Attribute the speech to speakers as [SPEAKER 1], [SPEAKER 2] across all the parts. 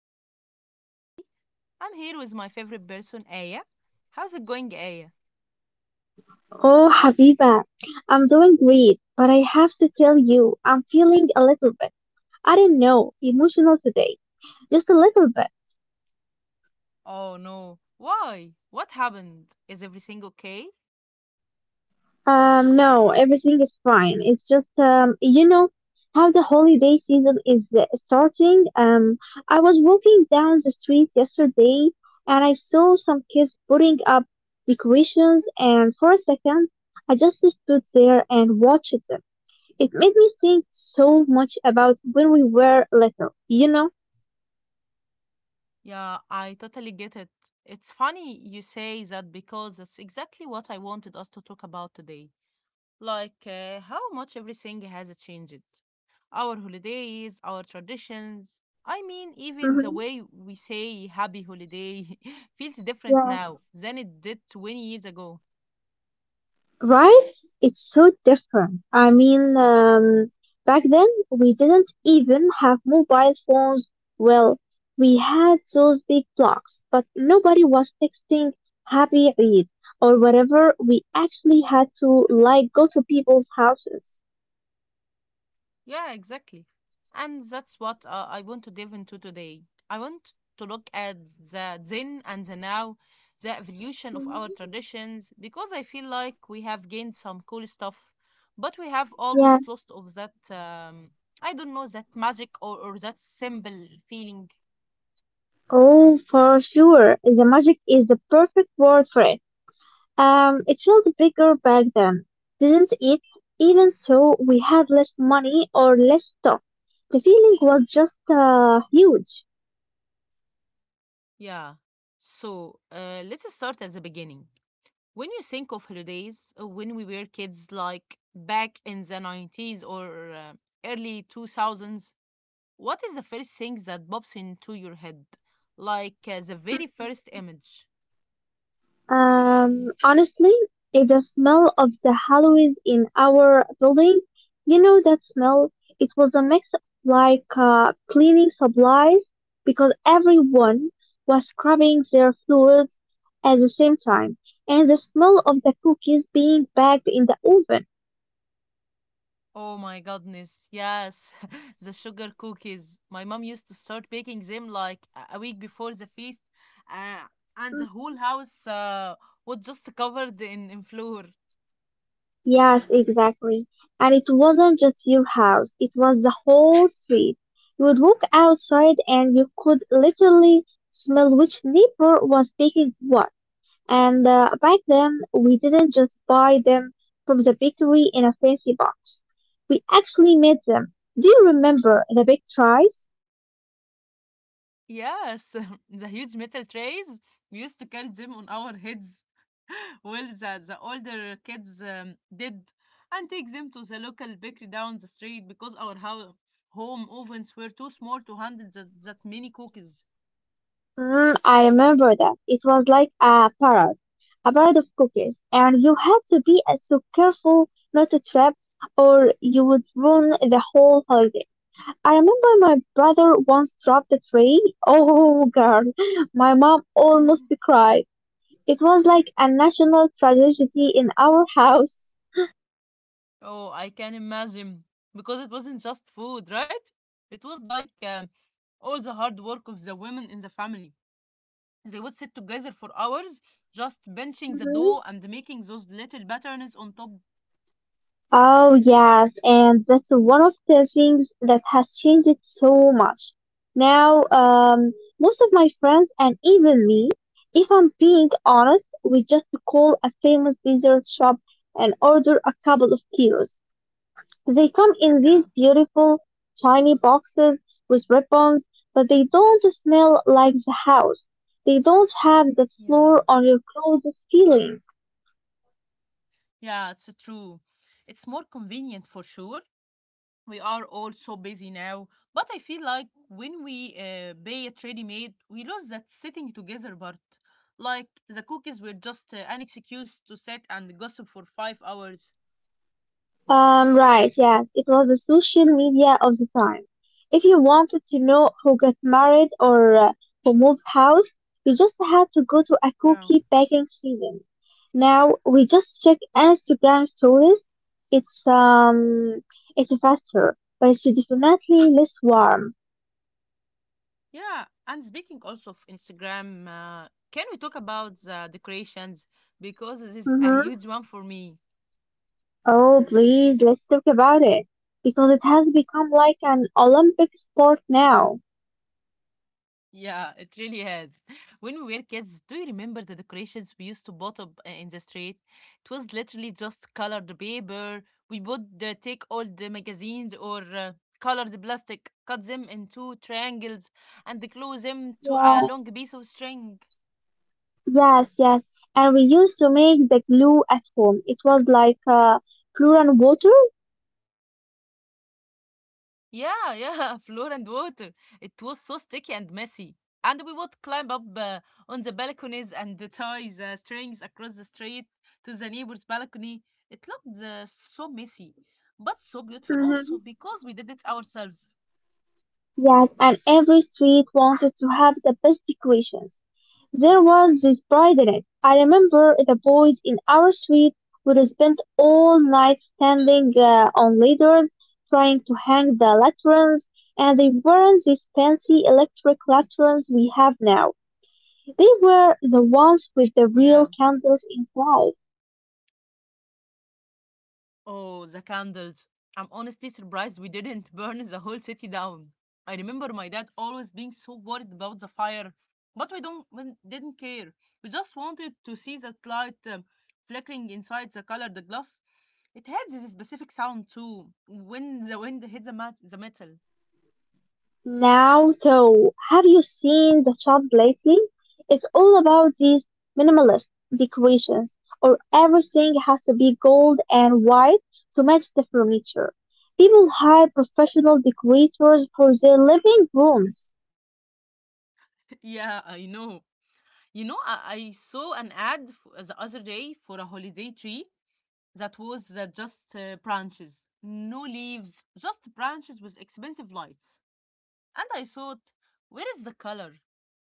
[SPEAKER 1] you are tuning in today. I'm here with my favorite person, Aya. How's it going, Aya?
[SPEAKER 2] Oh, Habiba, I'm doing great, but I have to tell you, I'm feeling a little bit, I don't know, emotional today. Just a little bit.
[SPEAKER 1] Oh no, why? What happened? Is everything okay?
[SPEAKER 2] No, everything is fine. It's just, you know, how the holiday season is starting. I was walking down the street yesterday and I saw some kids putting up decorations, and for a second, I just stood there and watched them. It made me think so much about when we were little.
[SPEAKER 1] Yeah, I totally get it. It's funny you say that because that's exactly what I wanted us to talk about today. How much everything has changed. Our holidays, our traditions. I mean, even the
[SPEAKER 2] Mm-hmm.
[SPEAKER 1] way we say happy holiday feels different
[SPEAKER 2] Yeah.
[SPEAKER 1] now than it did 20 years ago.
[SPEAKER 2] Right? It's so different. I mean, back then we didn't even have mobile phones. Well, we had those big blocks, but nobody was texting Happy Eid or whatever. We actually had to like go to people's houses.
[SPEAKER 1] Yeah, exactly. And that's what I want to dive into today. I want to look at the then and the now, the evolution of our
[SPEAKER 2] Mm-hmm.
[SPEAKER 1] traditions, because I feel like we have gained some cool stuff, but we have
[SPEAKER 2] Yeah.
[SPEAKER 1] almost lost of that, I don't know, that magic or that simple feeling.
[SPEAKER 2] Oh, for sure. The magic is the perfect word for it. It felt bigger back then, didn't it? Even so, we had less money or less stock. The feeling was just huge.
[SPEAKER 1] Yeah. So let's start at the beginning. When you think of holidays, when we were kids, like back in the 90s or early 2000s, what is the first thing that pops into your head? The very first
[SPEAKER 2] Mm,
[SPEAKER 1] image.
[SPEAKER 2] Honestly, if the smell of the hallways in our building, you know that smell, it was a mix of like cleaning supplies because everyone was scrubbing their floors at the same time, and the smell of the cookies being baked in the oven.
[SPEAKER 1] Oh my goodness, yes, the sugar cookies. My mom used to start baking them like a week before the feast, uh, and the whole house was just covered in flour.
[SPEAKER 2] Yes, exactly. And it wasn't just your house, it was the whole street. You would walk outside and you could literally smell which neighbor was baking what. And back then, we didn't just buy them from the bakery in a fancy box. We actually made them. Do you remember the big tries?
[SPEAKER 1] Yes, the huge metal trays, we used to carry them on our heads. Well, the, older kids did, and take them to the local bakery down the street because home ovens were too small to handle that many cookies.
[SPEAKER 2] Mm, I remember that. It was like a parade of cookies, and you had to be so careful not to trip or you would ruin the whole holiday. I remember my brother once dropped a tray. Oh, girl, my mom almost
[SPEAKER 1] Mhm.
[SPEAKER 2] cried. It was like a national tragedy in our house.
[SPEAKER 1] Oh, I can imagine. Because it wasn't just food, right? It was like all the hard work of the women in the family. They would sit together for hours, just benching the
[SPEAKER 2] Mm-hmm.
[SPEAKER 1] dough and making those little patterns on top.
[SPEAKER 2] Oh, yes, and that's one of the things that has changed it so much. Now, most of my friends and even me, if I'm being honest, we just call a famous dessert shop and order a couple of kilos. They come in these
[SPEAKER 1] Yeah.
[SPEAKER 2] beautiful, tiny boxes with ribbons, but they don't smell like the house. They don't have the
[SPEAKER 1] Yeah,
[SPEAKER 2] floor on your clothes feeling.
[SPEAKER 1] yeah, it's true. It's more convenient for sure. We are all so busy now, but I feel like when we buy it ready-made, we lose that sitting together part. Like the cookies were just an excuse to sit and gossip for 5 hours.
[SPEAKER 2] Right, yes, it was the social media of the time. If you wanted to know who got married or who moved house, you just had to go to a
[SPEAKER 1] Yeah,
[SPEAKER 2] cookie baking season. Now we just check Instagram stories. It's it's faster, but it's definitely less warm.
[SPEAKER 1] yeah. And speaking also of Instagram, can we talk about the decorations because this is a
[SPEAKER 2] Mm-hmm.
[SPEAKER 1] huge one for me.
[SPEAKER 2] Oh, please, let's talk about it because it has become like an Olympic sport now.
[SPEAKER 1] Yeah, it really has. When we were kids, do you remember the decorations we used to bought up in the street? It was literally just colored paper. We would take all the magazines or colored plastic, cut them into triangles, and glue them to a
[SPEAKER 2] Yeah.
[SPEAKER 1] long piece of string.
[SPEAKER 2] Yes, yes. And we used to make the glue at home. It was like flour and water.
[SPEAKER 1] Yeah, yeah, floor and water. It was so sticky and messy. And we would climb up on the balconies and tie the strings across the street to the neighbor's balcony. It looked so messy, but so beautiful also
[SPEAKER 2] Mm-hmm.
[SPEAKER 1] because we did it ourselves.
[SPEAKER 2] Yes, and every street wanted to have the best decorations. There was this pride in it. I remember the boys in our street would spend all night standing on ladders trying to hang the lanterns, and they weren't these fancy electric lanterns we have now. They were the ones with the real
[SPEAKER 1] Yeah.
[SPEAKER 2] candles inside.
[SPEAKER 1] Oh, the candles. I'm honestly surprised we didn't burn the whole city down. I remember my dad always being so worried about the fire, but we didn't care. We just wanted to see that light flickering inside the colored glass. It had this specific sound too when the wind hit the, the metal.
[SPEAKER 2] Now, though, have you seen the shop lately? It's all about these minimalist decorations, or everything has to be gold and white to match the furniture. People hire professional decorators for their living rooms.
[SPEAKER 1] Yeah, I know. You know, I saw an ad the other day for a holiday tree that was just branches, no leaves, just branches with expensive lights. And I thought, where is the color?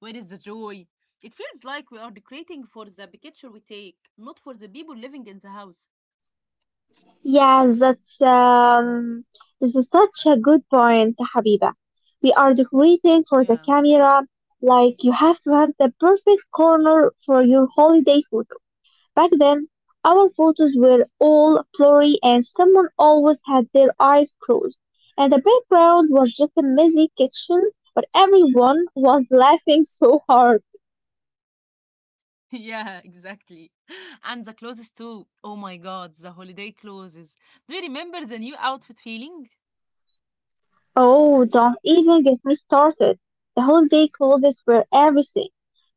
[SPEAKER 1] Where is the joy? It feels like we are decorating for the picture we take, not for the people living in the house.
[SPEAKER 2] Yeah, that's this is such a good point, Habiba. We are decorating for the
[SPEAKER 1] Yeah.
[SPEAKER 2] camera, like you have to have the perfect corner for your holiday photo. Back then, our photos were all blurry and someone always had their eyes closed. And the background was just a messy kitchen, but everyone was laughing so hard.
[SPEAKER 1] Yeah, exactly. And the clothes too. Oh my god, the holiday clothes. Do you remember the new outfit feeling?
[SPEAKER 2] Oh, don't even get me started. The holiday clothes were everything.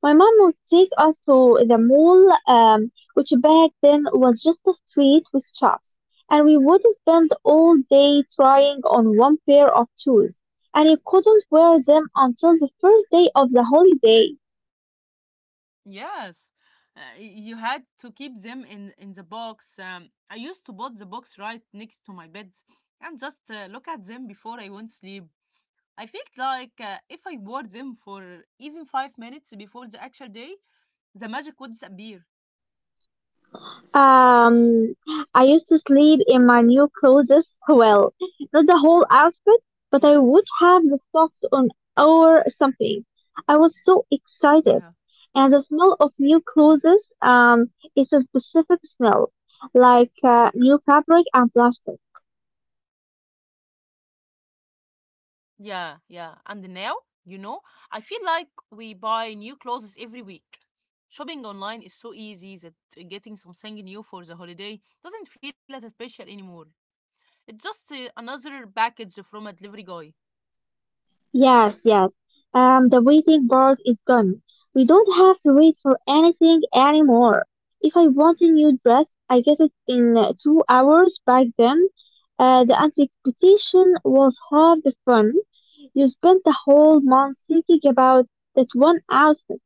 [SPEAKER 2] My mom would take us to the mall, which back then was just a street with shops, and we would spend all day trying on one pair of shoes, and you couldn't wear them until the first day of the holiday.
[SPEAKER 1] Yes, you had to keep them in the box. I used to put the box right next to my bed and just look at them before I went to sleep. I felt like if I wore them for even 5 minutes before the actual day, the magic would disappear.
[SPEAKER 2] Um, I used to sleep in my new clothes. Well, not the whole outfit, but I
[SPEAKER 1] Yeah,
[SPEAKER 2] would have the socks on or something. I was so excited.
[SPEAKER 1] yeah,
[SPEAKER 2] And the smell of new clothes, it's a specific smell, like new fabric and plastic.
[SPEAKER 1] yeah. And now, you know, I feel like we buy new clothes every week. Shopping online is so easy that getting something new for the holiday doesn't feel as special anymore. It's just another package from a delivery guy.
[SPEAKER 2] Yes, yes. The waiting part is gone. We don't have to wait for anything anymore. If I want a new dress, I get it in 2 hours back then. The anticipation was half the fun. You spent the whole month thinking about that one outfit.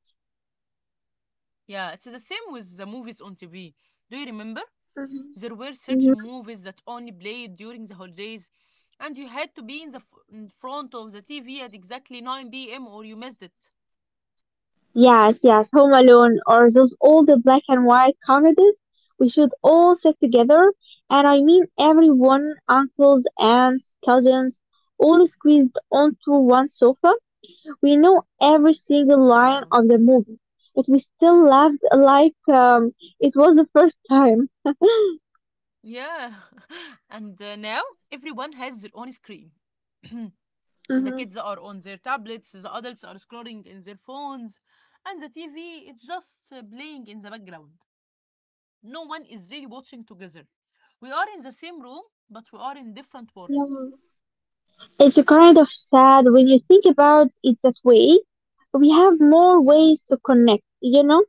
[SPEAKER 1] Yeah, it's the same with the movies on TV. Do you remember?
[SPEAKER 2] Mhm,
[SPEAKER 1] There were certain
[SPEAKER 2] mhm.
[SPEAKER 1] movies that only played during the holidays, and you had to be in in front of the TV at exactly 9 p.m. or you missed it.
[SPEAKER 2] Yes, yes, Home Alone or those old black and white comedies. We should all sit together, and I mean everyone, uncles, aunts, cousins, all squeezed onto one sofa. We know every single line
[SPEAKER 1] Yeah.
[SPEAKER 2] of the movie, but we still laughed like it was the first time.
[SPEAKER 1] Yeah, and now everyone has their own screen. The
[SPEAKER 2] hmm
[SPEAKER 1] kids are on their tablets, the adults are scrolling in their phones, and the TV is just playing in the background. No one is really watching together. We are in the same room, but we are in different worlds.
[SPEAKER 2] It's a kind of sad when you think about it that way. We have more
[SPEAKER 1] Yeah.
[SPEAKER 2] ways to connect, you know?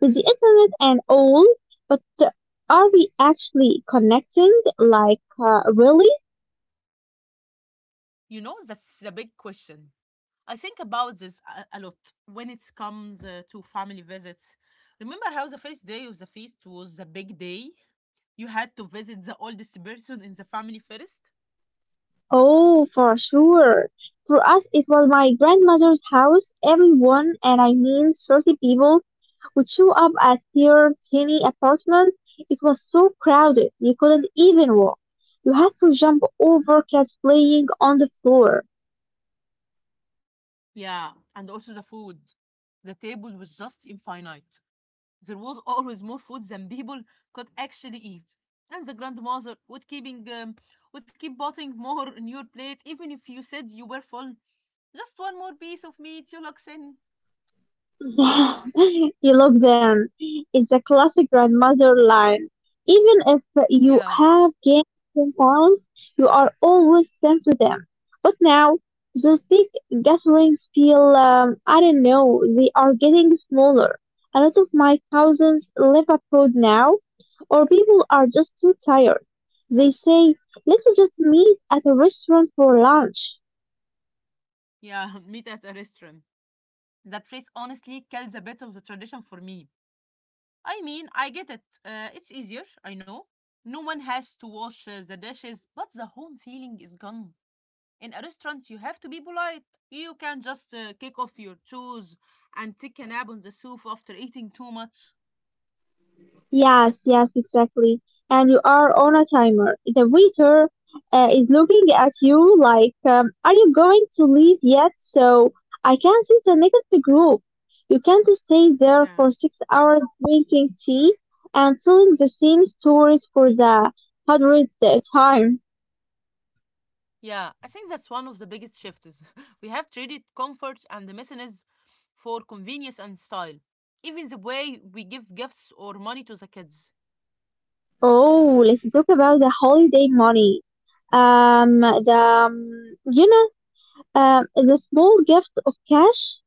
[SPEAKER 2] With the internet and all, but are we actually connecting? Like, really?
[SPEAKER 1] You know, that's the big question. I think about this a lot when it comes to family visits. Remember how the first day of the feast was the big day? You had to visit the oldest person in the family first?
[SPEAKER 2] Oh, for sure. For us, it was my grandmother's house. Everyone, and I mean 30 people, would show up at their tiny apartment. It was so crowded, you couldn't even walk. You had to jump over cats playing on the floor.
[SPEAKER 1] Yeah, and also the food. The table was just infinite. There was always more food than people could actually eat. And the grandmother would keeping would keep putting more in your plate even if you said you were full. Just one more piece of meat, you look thin.
[SPEAKER 2] Yeah, you love them. It's a classic grandmother line. Even if you
[SPEAKER 1] Yeah,
[SPEAKER 2] have gained 10 pounds, you are always sent to them. But now, those big gatherings feel, I don't know, they are getting smaller. A lot of my cousins live abroad now, or people are just too tired. They say, let's just meet at a restaurant for lunch.
[SPEAKER 1] yeah, meat at a restaurant. That phrase honestly kills a bit of the tradition for me. I mean, I get it. It's easier, I know. No one has to wash the dishes, but the home feeling is gone. In a restaurant, you have to be polite. You can just kick off your shoes and take a nap on the sofa after eating too much.
[SPEAKER 2] Yes, yes, exactly. And you are on a timer. The waiter is looking at you like, are you going to leave yet? So I can see the next group. You can't stay there
[SPEAKER 1] Yeah.
[SPEAKER 2] for 6 hours drinking tea and telling the same stories for the hundredth time.
[SPEAKER 1] Yeah, I think that's one of the biggest shifts. We have traded comfort and the messiness for convenience and style. Even the way we give gifts or money to the kids.
[SPEAKER 2] Oh, let's talk about the holiday money. Um, the, um, you know, the small gift of cash.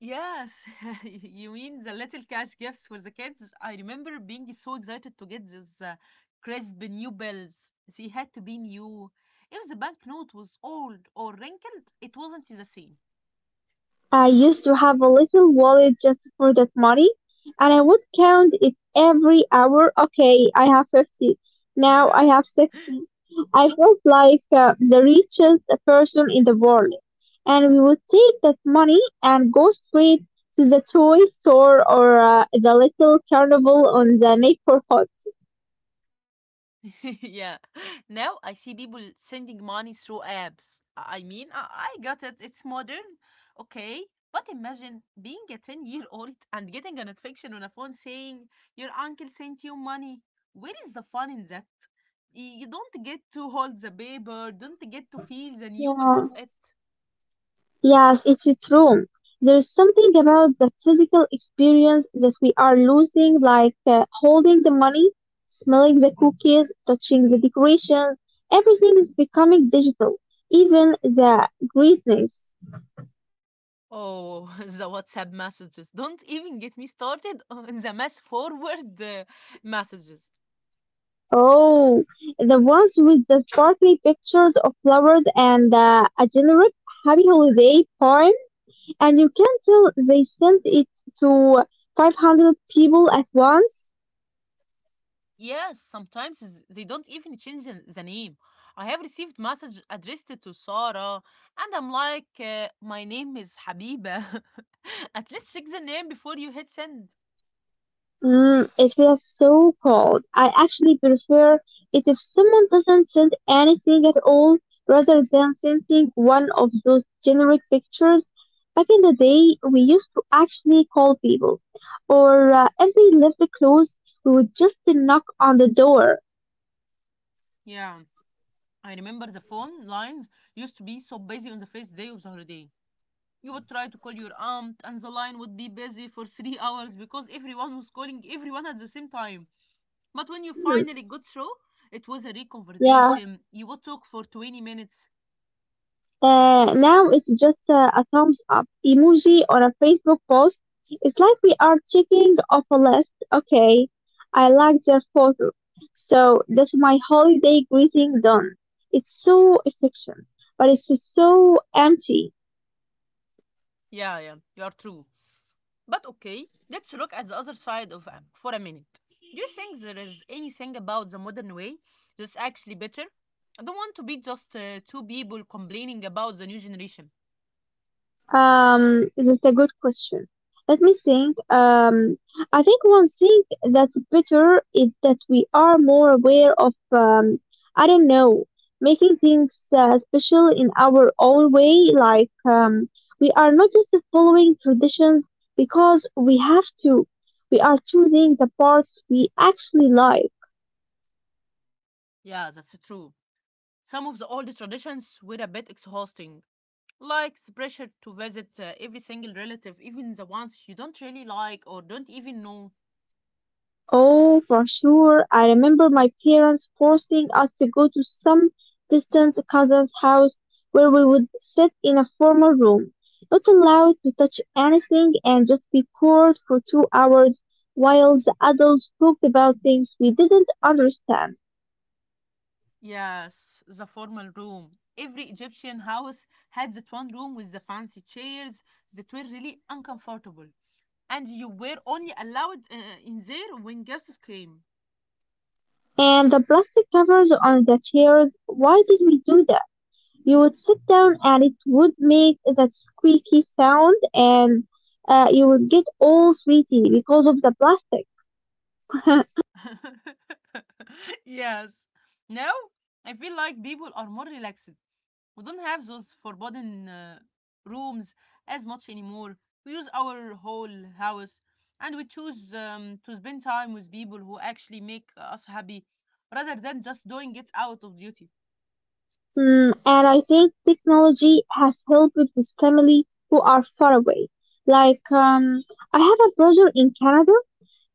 [SPEAKER 1] Yes, you mean the little cash gifts for the kids? I remember being so excited to get these crisp new bills. They had to be new. If the banknote was old or wrinkled, it wasn't the same.
[SPEAKER 2] I used to have a little wallet just for that money, and I would count it every hour. Okay, I have 50. Now
[SPEAKER 1] Yeah.
[SPEAKER 2] I have 60. I felt like the richest person in the world. And we would take that money and go straight to the toy store or the little carnival on the neighborhood.
[SPEAKER 1] Yeah. Now I see people sending money through apps. I got it. It's modern. Okay. But imagine being a 10 year old and getting a notification on a phone saying, your uncle sent you money. Where is the fun in that? You don't get to hold the paper, don't get to feel the news of
[SPEAKER 2] Yeah.
[SPEAKER 1] it.
[SPEAKER 2] Yes, it's true. There is something about the physical experience that we are losing, like holding the money, smelling the cookies, touching the decorations. Everything is becoming digital, even the greetings.
[SPEAKER 1] Oh, the WhatsApp messages. Don't even get me started on the mass forward messages.
[SPEAKER 2] Oh, the ones with the sparkly pictures of flowers and a generic happy holiday poem, and you can tell they sent it to 500 people at once.
[SPEAKER 1] Yes, sometimes they don't even change the name. I have received message addressed to Sarah, and I'm like, my name is Habiba. At least check the name before you hit send.
[SPEAKER 2] Mm, it feels so cold. I actually prefer it if someone doesn't send anything at all rather than sending one of those generic pictures. Back in the day, we used to actually call people, or if they left the clothes, we would just knock on the door.
[SPEAKER 1] Yeah, I remember the phone lines used to be so busy on the first day of the holiday. You would try to call your aunt, and the line would be busy for three hours because everyone was calling everyone at the same time. But when you
[SPEAKER 2] Mm,
[SPEAKER 1] finally got through, it was a real
[SPEAKER 2] yeah.
[SPEAKER 1] conversation. You would talk for 20 minutes.
[SPEAKER 2] Now it's just a thumbs up emoji on a Facebook post. It's like we are checking off a list. Okay, I like their photo. So that's my holiday greeting done. It's so efficient, but it's so empty.
[SPEAKER 1] Yeah, yeah, you are true. But okay, let's look at the other side of am for a minute. Do you think there is anything about the modern way that's actually better? I don't want to be just two people complaining about the new generation.
[SPEAKER 2] That's a good question. Let me think. I think one thing that's better is that we are more aware of, I don't know, making things special in our own way. Like, we are not just following traditions because we have to. We are choosing the parts we actually like.
[SPEAKER 1] Yeah, that's true. Some of the old traditions were a bit exhausting, like the pressure to visit every single relative, even the ones you don't really like or don't even know.
[SPEAKER 2] Oh, for sure. I remember my parents forcing us to go to some distant cousin's house where we would sit in a formal room, not allowed to touch anything, and just be bored for 2 hours while the adults talked about things we didn't understand.
[SPEAKER 1] Yes, the formal room. Every Egyptian house had that one room with the fancy chairs that were really uncomfortable. And you were only allowed in there when guests came.
[SPEAKER 2] And the plastic covers on the chairs, why did we do that? You would sit down and it would make that squeaky sound, and you would get all sweaty because of the plastic.
[SPEAKER 1] Yes. Now, I feel like people are more relaxed. We don't have those forbidden rooms as much anymore. We use our whole house and we choose to spend time with people who actually make us happy rather than just doing it out of duty.
[SPEAKER 2] Mm, and I think technology has helped with family who are far away. Like, I have a brother in Canada.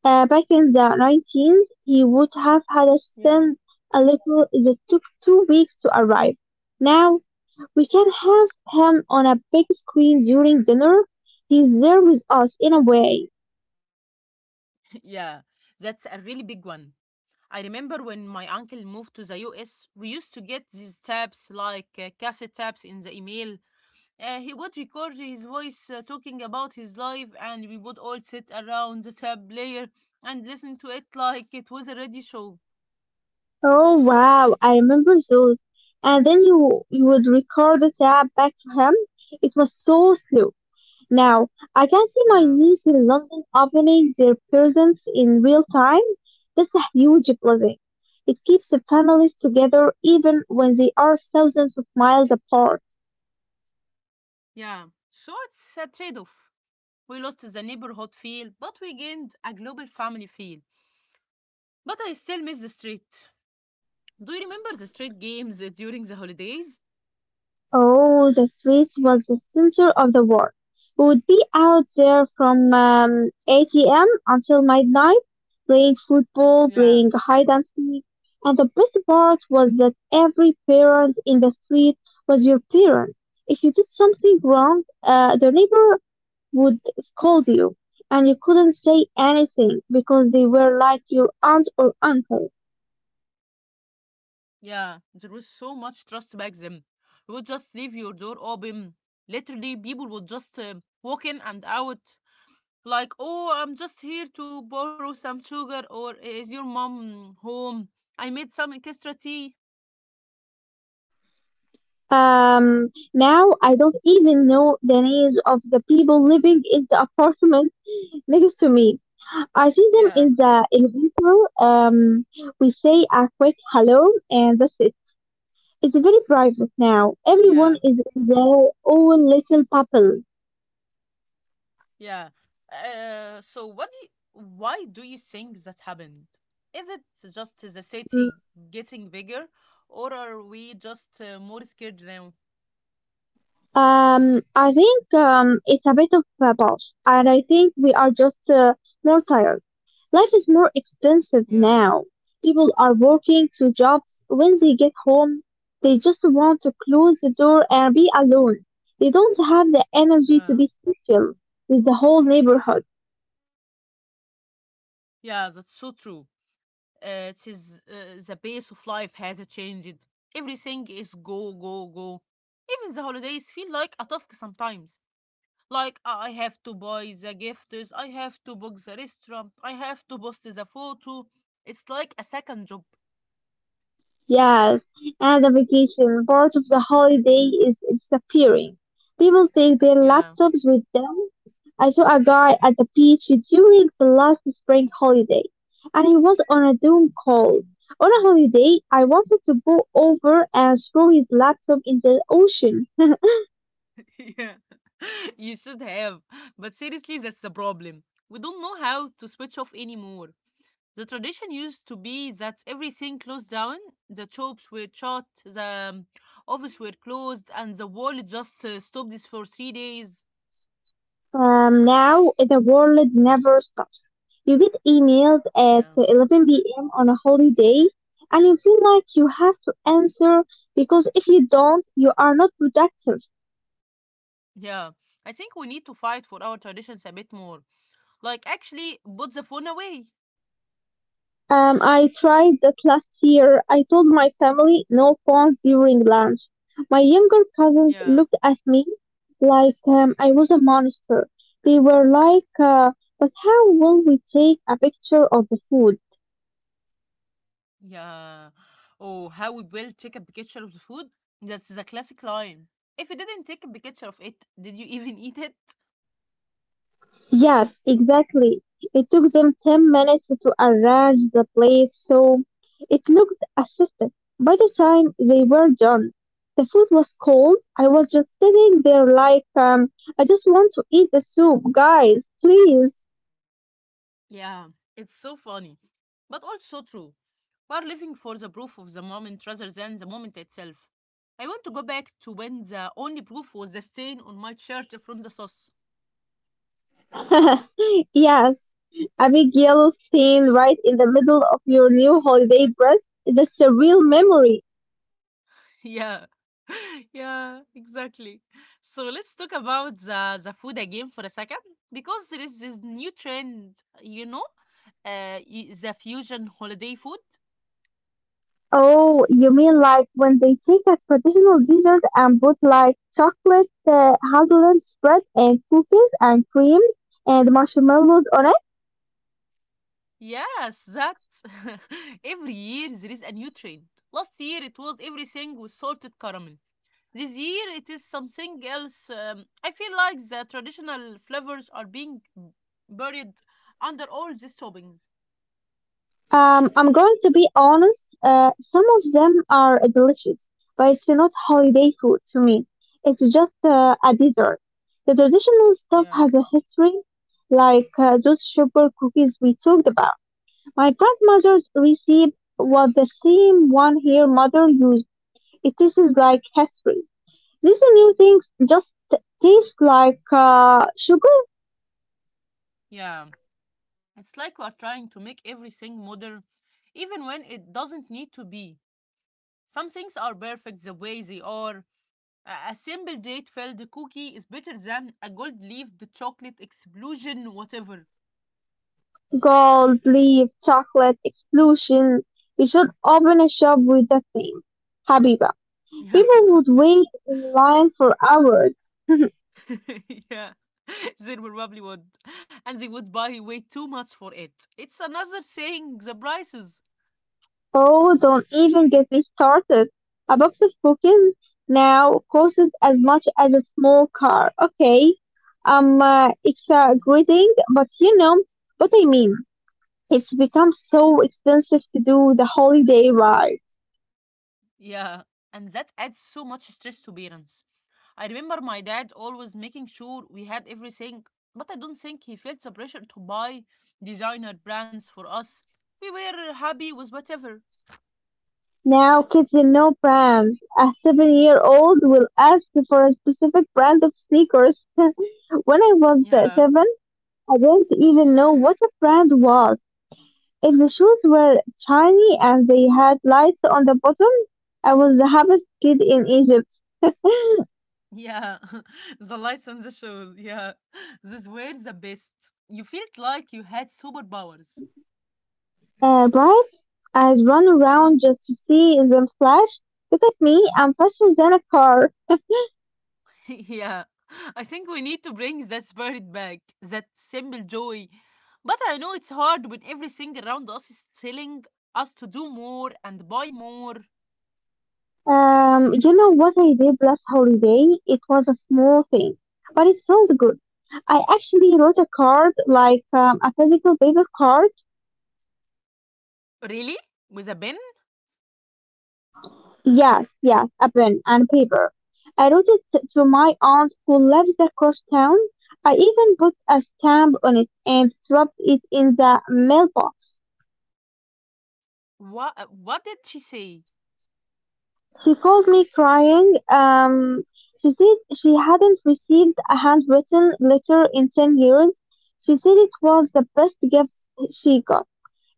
[SPEAKER 2] Back in the 90s, he would have had us
[SPEAKER 1] Yeah.
[SPEAKER 2] send a little that took 2 weeks to arrive. Now we can have him on a big screen during dinner. He's there with us in a way.
[SPEAKER 1] Yeah, that's a really big one. I remember when my uncle moved to the US, we used to get these tapes like cassette tapes in the email. He would record his voice talking about his life, and we would all sit around the tape player and listen to it like it was a radio show.
[SPEAKER 2] Oh wow, I remember those. And then you would record the tab back to him. It was so slow. Now, I can see my
[SPEAKER 1] Yeah,
[SPEAKER 2] niece in London opening their presents in real time. That's a huge blessing. It keeps the families together even when they are thousands of miles apart.
[SPEAKER 1] yeah. So it's a trade off. We lost the neighborhood feel, but we gained a global family feel. But I still miss the street. Do you remember the street games during the holidays?
[SPEAKER 2] Oh, the street was the center of the world. We would be out there from 8 a.m. until midnight, playing football,
[SPEAKER 1] Yeah.
[SPEAKER 2] playing hide and seek. And the best part was that every parent in the street was your parent. If you did something wrong, the neighbor would scold you, and you couldn't say anything because they were like your aunt or uncle.
[SPEAKER 1] Yeah, there was so much trust back then. You would just leave your door open. Literally, people would just walk in and out. Like, oh, I'm just here to borrow some sugar, or is your mom home? I made some extra tea.
[SPEAKER 2] Um, Now I don't even know the names of the people living in the apartment next to me. I see them
[SPEAKER 1] Yeah,
[SPEAKER 2] in the elevator. Um, we say a quick hello, and that's it. It's very private now. Everyone
[SPEAKER 1] yeah,
[SPEAKER 2] is in their own little bubble.
[SPEAKER 1] yeah. So what do you, why do you think that happened? Is it just the city
[SPEAKER 2] Hmm.
[SPEAKER 1] getting bigger, or are we just more scared now?
[SPEAKER 2] I think it's a bit of a boss, and I think we are just more tired. Life is more expensive
[SPEAKER 1] Yeah,
[SPEAKER 2] now. People are working two jobs. When they get home, they just want to close the door and be alone. They don't have the energy to
[SPEAKER 1] yeah,
[SPEAKER 2] be social with the whole neighborhood.
[SPEAKER 1] yeah. That's so true. It is the pace of life has changed. Everything is go, go, go. Even the holidays feel like a task sometimes. Like I have to buy the gifts, I have to book the restaurant, I have to post the photo. It's like a second job.
[SPEAKER 2] Yes, and the vacation part of the holiday is disappearing. People take their
[SPEAKER 1] Yeah.
[SPEAKER 2] laptops with them. I saw a guy at the beach during the last spring holiday, and he was on a Zoom call. On a holiday, I wanted to go over and throw his laptop in the ocean.
[SPEAKER 1] yeah. you should have. But seriously, that's the problem. We don't know how to switch off anymore. The tradition used to be that everything closed down. The shops were shut, the office were closed, and the world just stopped this for 3 days.
[SPEAKER 2] Now the world never stops. You get emails at
[SPEAKER 1] Yeah.
[SPEAKER 2] 11 p.m. on a holiday, and you feel like you have to answer because if you don't, you are not productive.
[SPEAKER 1] Yeah. I think we need to fight for our traditions a bit more. Like, actually, put the phone away.
[SPEAKER 2] I tried that last year. I told my family no phones during lunch. My younger cousins
[SPEAKER 1] Yeah.
[SPEAKER 2] looked at me like I was a monster. They were like, but how will we take a picture of the food?
[SPEAKER 1] Yeah. Or how we will take a picture of the food. That's the classic line. If you didn't take a picture of it, did you even eat it?
[SPEAKER 2] Yes, exactly. It took them 10 minutes to arrange the plate so it looked assisted. By the time they were done, the food was cold. I was just sitting there like, I just want to eat the soup, guys, please.
[SPEAKER 1] Yeah, it's so funny, but also true. We're living for the proof of the moment rather than the moment itself. I want to go back to when the only proof was the stain on my shirt from the sauce.
[SPEAKER 2] Yes, a big yellow stain right in the middle of your new holiday dress. That's a real memory.
[SPEAKER 1] Yeah. Yeah, exactly. So let's talk about the food again for a second because there is this new trend, you know, the fusion holiday food.
[SPEAKER 2] Oh, you mean like when they take a traditional dessert and put like chocolate, hazelnut spread, and cookies and cream and marshmallows on it?
[SPEAKER 1] Yes, that every year there is a new trend. Last year it was everything with salted caramel. This year it is something else. I feel like the traditional flavors are being buried under all these toppings.
[SPEAKER 2] I'm going to be honest, some of them are delicious, but it's not holiday food to me. It's just a dessert. The traditional stuff
[SPEAKER 1] Yeah.
[SPEAKER 2] has a history, like those sugar cookies we talked about. My grandmother's recipe was the same one her mother used. It tastes like history. These new things just taste like sugar,
[SPEAKER 1] Yeah. It's like we are trying to make everything modern, even when it doesn't need to be. Some things are perfect the way they are. A simple date filled cookie is better than a gold leafed chocolate explosion, whatever.
[SPEAKER 2] gold leaf, chocolate explosion. We should open a shop with that name, Habiba.
[SPEAKER 1] Yeah.
[SPEAKER 2] People would wait in line for hours.
[SPEAKER 1] yeah, they probably would. And they would buy way too much for it. It's another thing, the prices.
[SPEAKER 2] Oh, don't even get me started. A box of cookies now costs as much as a small car. Okay, it's a great thing, but you know what I mean. It's become so expensive to do the holiday ride.
[SPEAKER 1] Yeah, and that adds so much stress to parents. I remember my dad always making sure we had everything, but I don't think he felt the pressure to buy designer brands for us. We were happy with whatever.
[SPEAKER 2] Now kids in no brands. A 7-year old will ask for a specific brand of sneakers. When I was
[SPEAKER 1] Yeah.
[SPEAKER 2] seven, I didn't even know what a brand was. If the shoes were shiny and they had lights on the bottom, I was the happiest kid in Egypt.
[SPEAKER 1] Yeah, the license shows. Yeah, these were the best. You felt like you had superpowers.
[SPEAKER 2] Bright, I'd run around just to see them flash. Look at me, I'm faster than a car.
[SPEAKER 1] yeah, I think we need to bring that spirit back, that simple joy. But I know it's hard when everything around us is telling us to do more and buy more.
[SPEAKER 2] You know what I did last holiday? It was a small thing, but it sounds good. I actually wrote a card, like a physical paper card.
[SPEAKER 1] Really? With a pen?
[SPEAKER 2] Yes, yes, a pen and paper. I wrote it to my aunt who lives across town. I even put a stamp on it and dropped it in the mailbox.
[SPEAKER 1] What did she say?
[SPEAKER 2] She called me crying. She said she hadn't received a handwritten letter in 10 years. She said it was the best gift she got.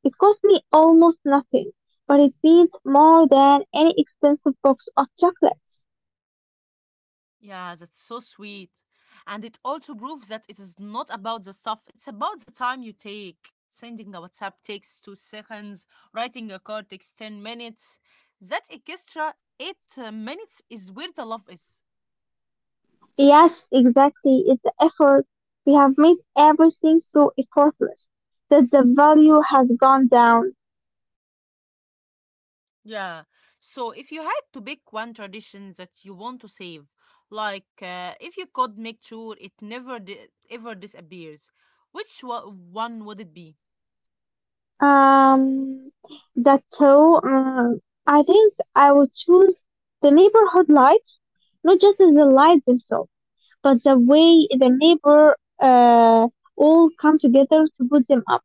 [SPEAKER 2] It cost me almost nothing, but it means more than any expensive box of chocolates.
[SPEAKER 1] Yeah, that's so sweet. And it also proves that it is not about the stuff, it's about the time you take. Sending a WhatsApp takes 2 seconds, writing a card takes 10 minutes. That extra 8 minutes is where the love is.
[SPEAKER 2] Yes, exactly. It's the effort. We have made everything so effortless that the value has gone down.
[SPEAKER 1] Yeah. So if you had to pick one tradition that you want to save, like if you could make sure it never ever disappears, which one would it be?
[SPEAKER 2] Um, that so I think I would choose the neighborhood lights, not just as the lights themselves, but the way the neighbor all come together to put them up.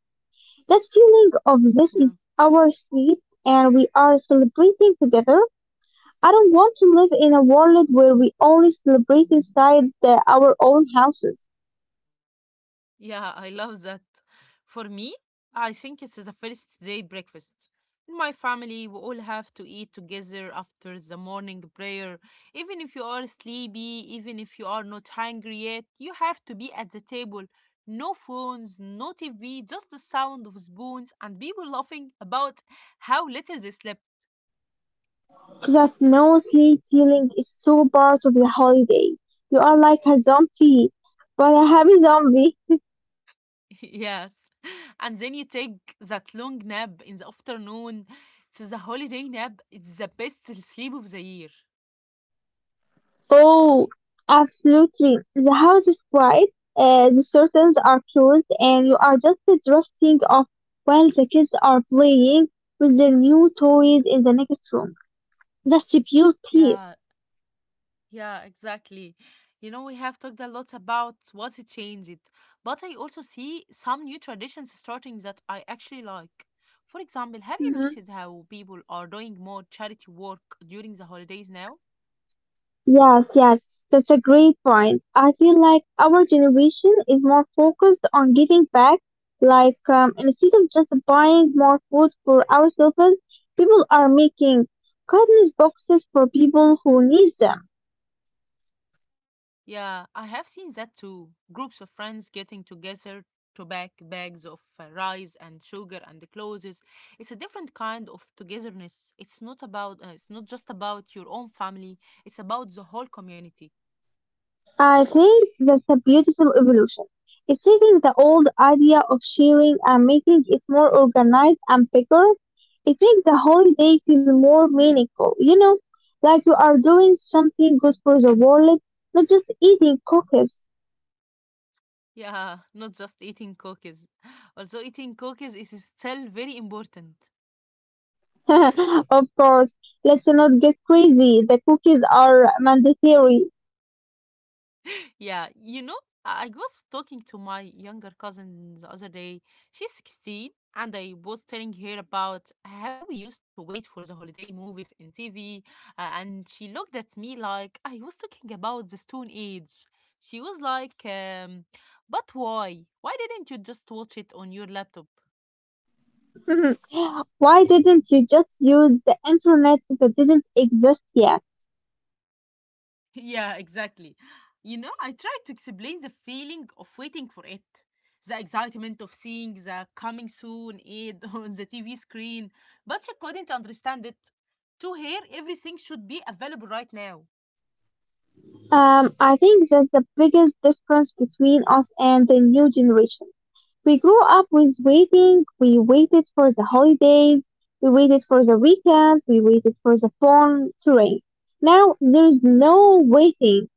[SPEAKER 2] That feeling of this is our street and we are celebrating together. I don't want to live in a world where we only celebrate inside our own houses.
[SPEAKER 1] Yeah, I love that. For me, I think it's the first day breakfast. In my family, we all have to eat together after the morning prayer. Even if you are sleepy, even if you are not hungry yet, you have to be at the table. No phones, no TV, just the sound of spoons and people laughing about how little they slept.
[SPEAKER 2] That no-sleep feeling is so part of the holiday. You are like a zombie, but a happy zombie.
[SPEAKER 1] yes. And then you take that long nap in the afternoon. It's the holiday nap. It's the best sleep of the year.
[SPEAKER 2] Oh, absolutely. The house is quiet, the curtains are closed, and you are just drifting off while the kids are playing with their new toys in the next room. That's a pure peace.
[SPEAKER 1] Yeah, yeah, exactly. You know, we have talked a lot about what it changed, but I also see some new traditions starting that I actually like. For example, have you noticed how people are doing more charity work during the holidays now?
[SPEAKER 2] Yes, yes, that's a great point. I feel like our generation is more focused on giving back, like instead of just buying more food for ourselves, people are making kindness boxes for people who need them.
[SPEAKER 1] Yeah, I have seen that too. Groups of friends getting together to pack bags of rice and sugar and clothes. It's a different kind of togetherness. It's not about, it's not just about your own family. It's about the whole community.
[SPEAKER 2] I think that's a beautiful evolution. It's taking the old idea of sharing and making it more organized and bigger. It makes the holiday feel more meaningful, you know, like you are doing something good for the world, not just eating cookies.
[SPEAKER 1] Yeah, not just eating cookies. Also, eating cookies is still very important.
[SPEAKER 2] Of course, let's not get crazy. The cookies are mandatory.
[SPEAKER 1] Yeah, you know, I was talking to my younger cousin the other day. She's 16, and I was telling her about how we used to wait for the holiday movies in TV, and she looked at me like I was talking about the Stone Age. She was like, but why? Why didn't you just watch it on your laptop?
[SPEAKER 2] Why didn't you just use the internet that didn't exist yet?
[SPEAKER 1] Yeah, exactly. You know, I tried to explain the feeling of waiting for it, the excitement of seeing the coming soon ad on the TV screen, but she couldn't understand it. To her, everything should be available right now.
[SPEAKER 2] I think that's the biggest difference between us and the new generation. We grew up with waiting. We waited for the holidays. We waited for the weekend. We waited for the phone to ring. Now there's no waiting.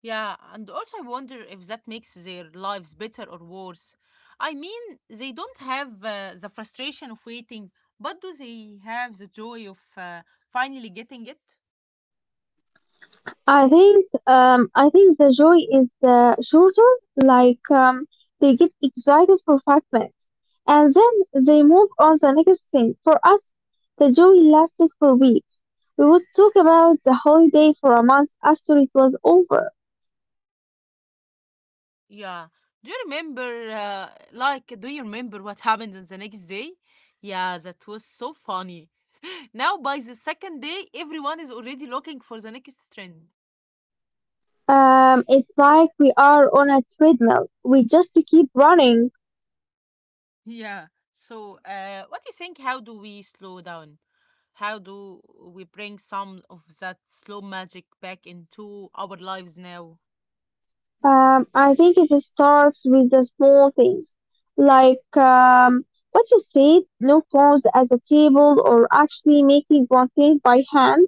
[SPEAKER 1] Yeah, and also I wonder if that makes their lives better or worse. I mean, they don't have the frustration of waiting, but do they have the joy of finally getting it?
[SPEAKER 2] I think the joy is the shorter, like they get excited for 5 minutes and then they move on the next thing. For us, the joy lasted for weeks. We would talk about the holiday for a month after it was over.
[SPEAKER 1] Yeah. Do you remember, do you remember what happened on the next day? Yeah, that was so funny. Now, by the second day, everyone is already looking for the next trend.
[SPEAKER 2] It's like we are on a treadmill. We just keep running.
[SPEAKER 1] Yeah. So, what do you think? How do we slow down? How do we bring some of that slow magic back into our lives now?
[SPEAKER 2] I think it starts with the small things, like what you said, no clothes at the table, or actually making one thing by hand.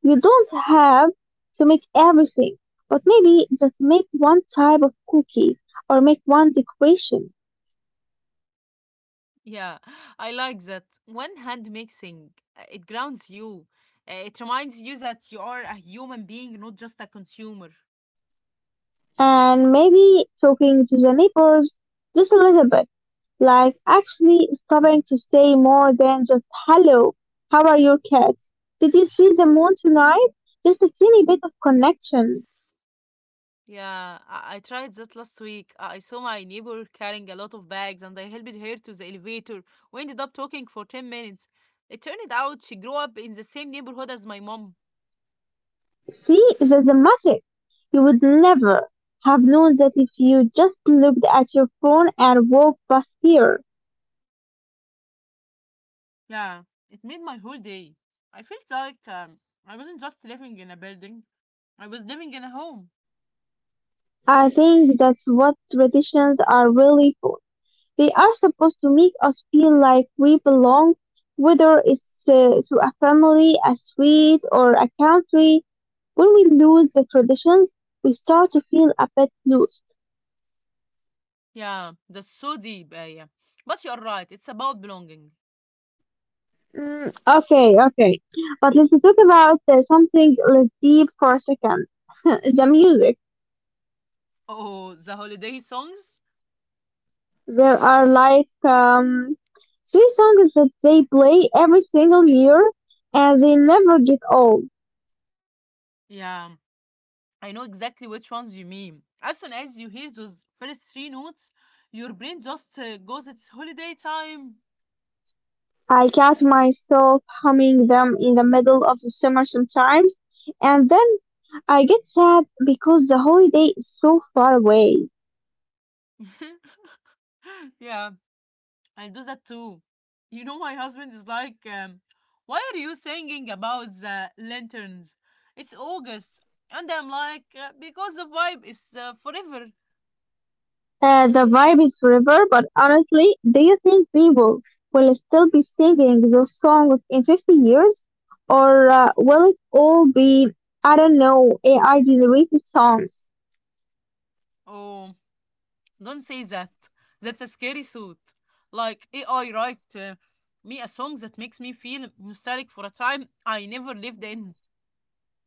[SPEAKER 2] You don't have to make everything, but maybe just make one type of cookie or make one decoration.
[SPEAKER 1] Yeah, I like that. One hand mixing, it grounds you. It reminds you that you are a human being, not just a consumer.
[SPEAKER 2] And maybe talking to the neighbors just a little bit. Like actually stopping to say more than just hello, how are your cats? Did you see the moon tonight? Just a teeny bit of connection.
[SPEAKER 1] Yeah, I tried that last week. I saw my neighbor carrying a lot of bags and I helped her to the elevator. We ended up talking for 10 minutes. It turned out she grew up in the same neighborhood as my mom.
[SPEAKER 2] See, it's a magic. You would never have known that if you just looked at your phone and walked past here.
[SPEAKER 1] Yeah, it made my whole day. I felt like I wasn't just living in a building, I was living in a home.
[SPEAKER 2] I think that's what traditions are really for. They are supposed to make us feel like we belong, whether it's to a family, a street, or a country. When we lose the traditions, we start to feel a bit lost.
[SPEAKER 1] Yeah, that's so deep, Aya. But you are right, it's about belonging.
[SPEAKER 2] Mm, okay, okay. But let's talk about something less deep for a second. The music.
[SPEAKER 1] Oh, the holiday songs?
[SPEAKER 2] There are like three songs that they play every single year, and they never get old.
[SPEAKER 1] Yeah, I know exactly which ones you mean. As soon as you hear those first three notes, your brain just goes, it's holiday time.
[SPEAKER 2] I catch myself humming them in the middle of the summer sometimes, and then I get sad because the holiday is so far away.
[SPEAKER 1] yeah, I do that too. You know, my husband is like, why are you singing about the lanterns? It's August. And I'm like, because the vibe is forever.
[SPEAKER 2] The vibe is forever, but honestly, do you think people will still be singing those songs in 50 years? Or will it all be, I don't know, AI generated songs?
[SPEAKER 1] Oh, don't say that. That's a scary thought. Like, AI write me a song that makes me feel nostalgic for a time I never lived in.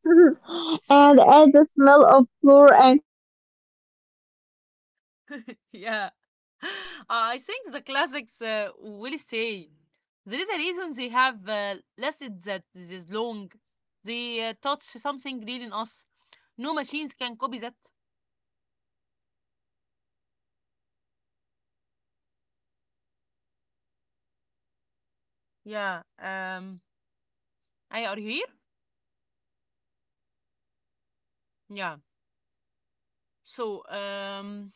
[SPEAKER 2] And add the smell of flour and sugar.
[SPEAKER 1] Yeah. I think the classics will stay. There is a reason they have lasted that this long. They touch something real in us. No machines can copy that.
[SPEAKER 2] Uh, I hope so. I really hope so. I want my kids to hear the same songs I
[SPEAKER 1] Yeah.
[SPEAKER 2] heard. I want there to be a
[SPEAKER 1] Aya, are
[SPEAKER 2] thread.
[SPEAKER 1] you here?
[SPEAKER 2] Yes, yes,
[SPEAKER 1] Yeah.
[SPEAKER 2] yeah,
[SPEAKER 1] So,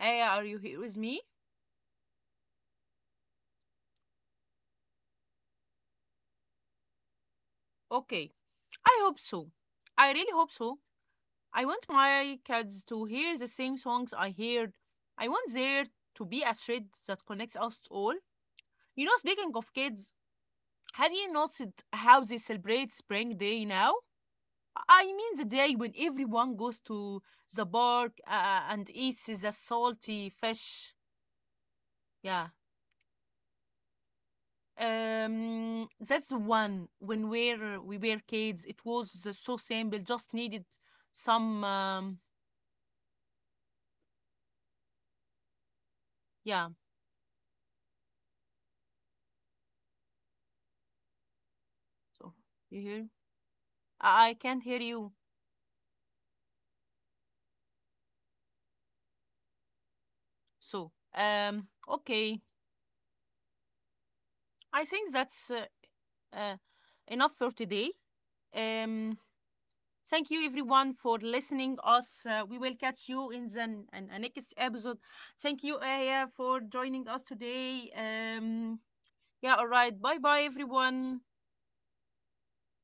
[SPEAKER 1] Aya, are you here with me?
[SPEAKER 2] yes. I hope
[SPEAKER 1] Okay.
[SPEAKER 2] so.
[SPEAKER 1] I hope so. I really hope so.
[SPEAKER 2] Yeah,
[SPEAKER 1] I want my kids to hear the same songs I heard. I want there to be a thread that connects us all. You know, speaking of kids, have you noticed how they celebrate Spring Day now? I mean the day when everyone goes to the park and eats the salty fish. Yeah.
[SPEAKER 2] yes, yeah. Um,
[SPEAKER 1] That's the one when we were kids. It was so simple, just needed some.
[SPEAKER 2] yes.
[SPEAKER 1] Yeah. So, you hear?
[SPEAKER 2] Okay,
[SPEAKER 1] I can't hear you.
[SPEAKER 2] okay, okay. Continue.
[SPEAKER 1] So, okay. I think that's uh, enough for today. Um, Thank you everyone for listening us. We will catch you in the next episode. Thank you Aya for joining us today.
[SPEAKER 2] Thank you.
[SPEAKER 1] Yeah, all right. Bye bye
[SPEAKER 2] Thank you.
[SPEAKER 1] everyone.
[SPEAKER 2] Goodbye.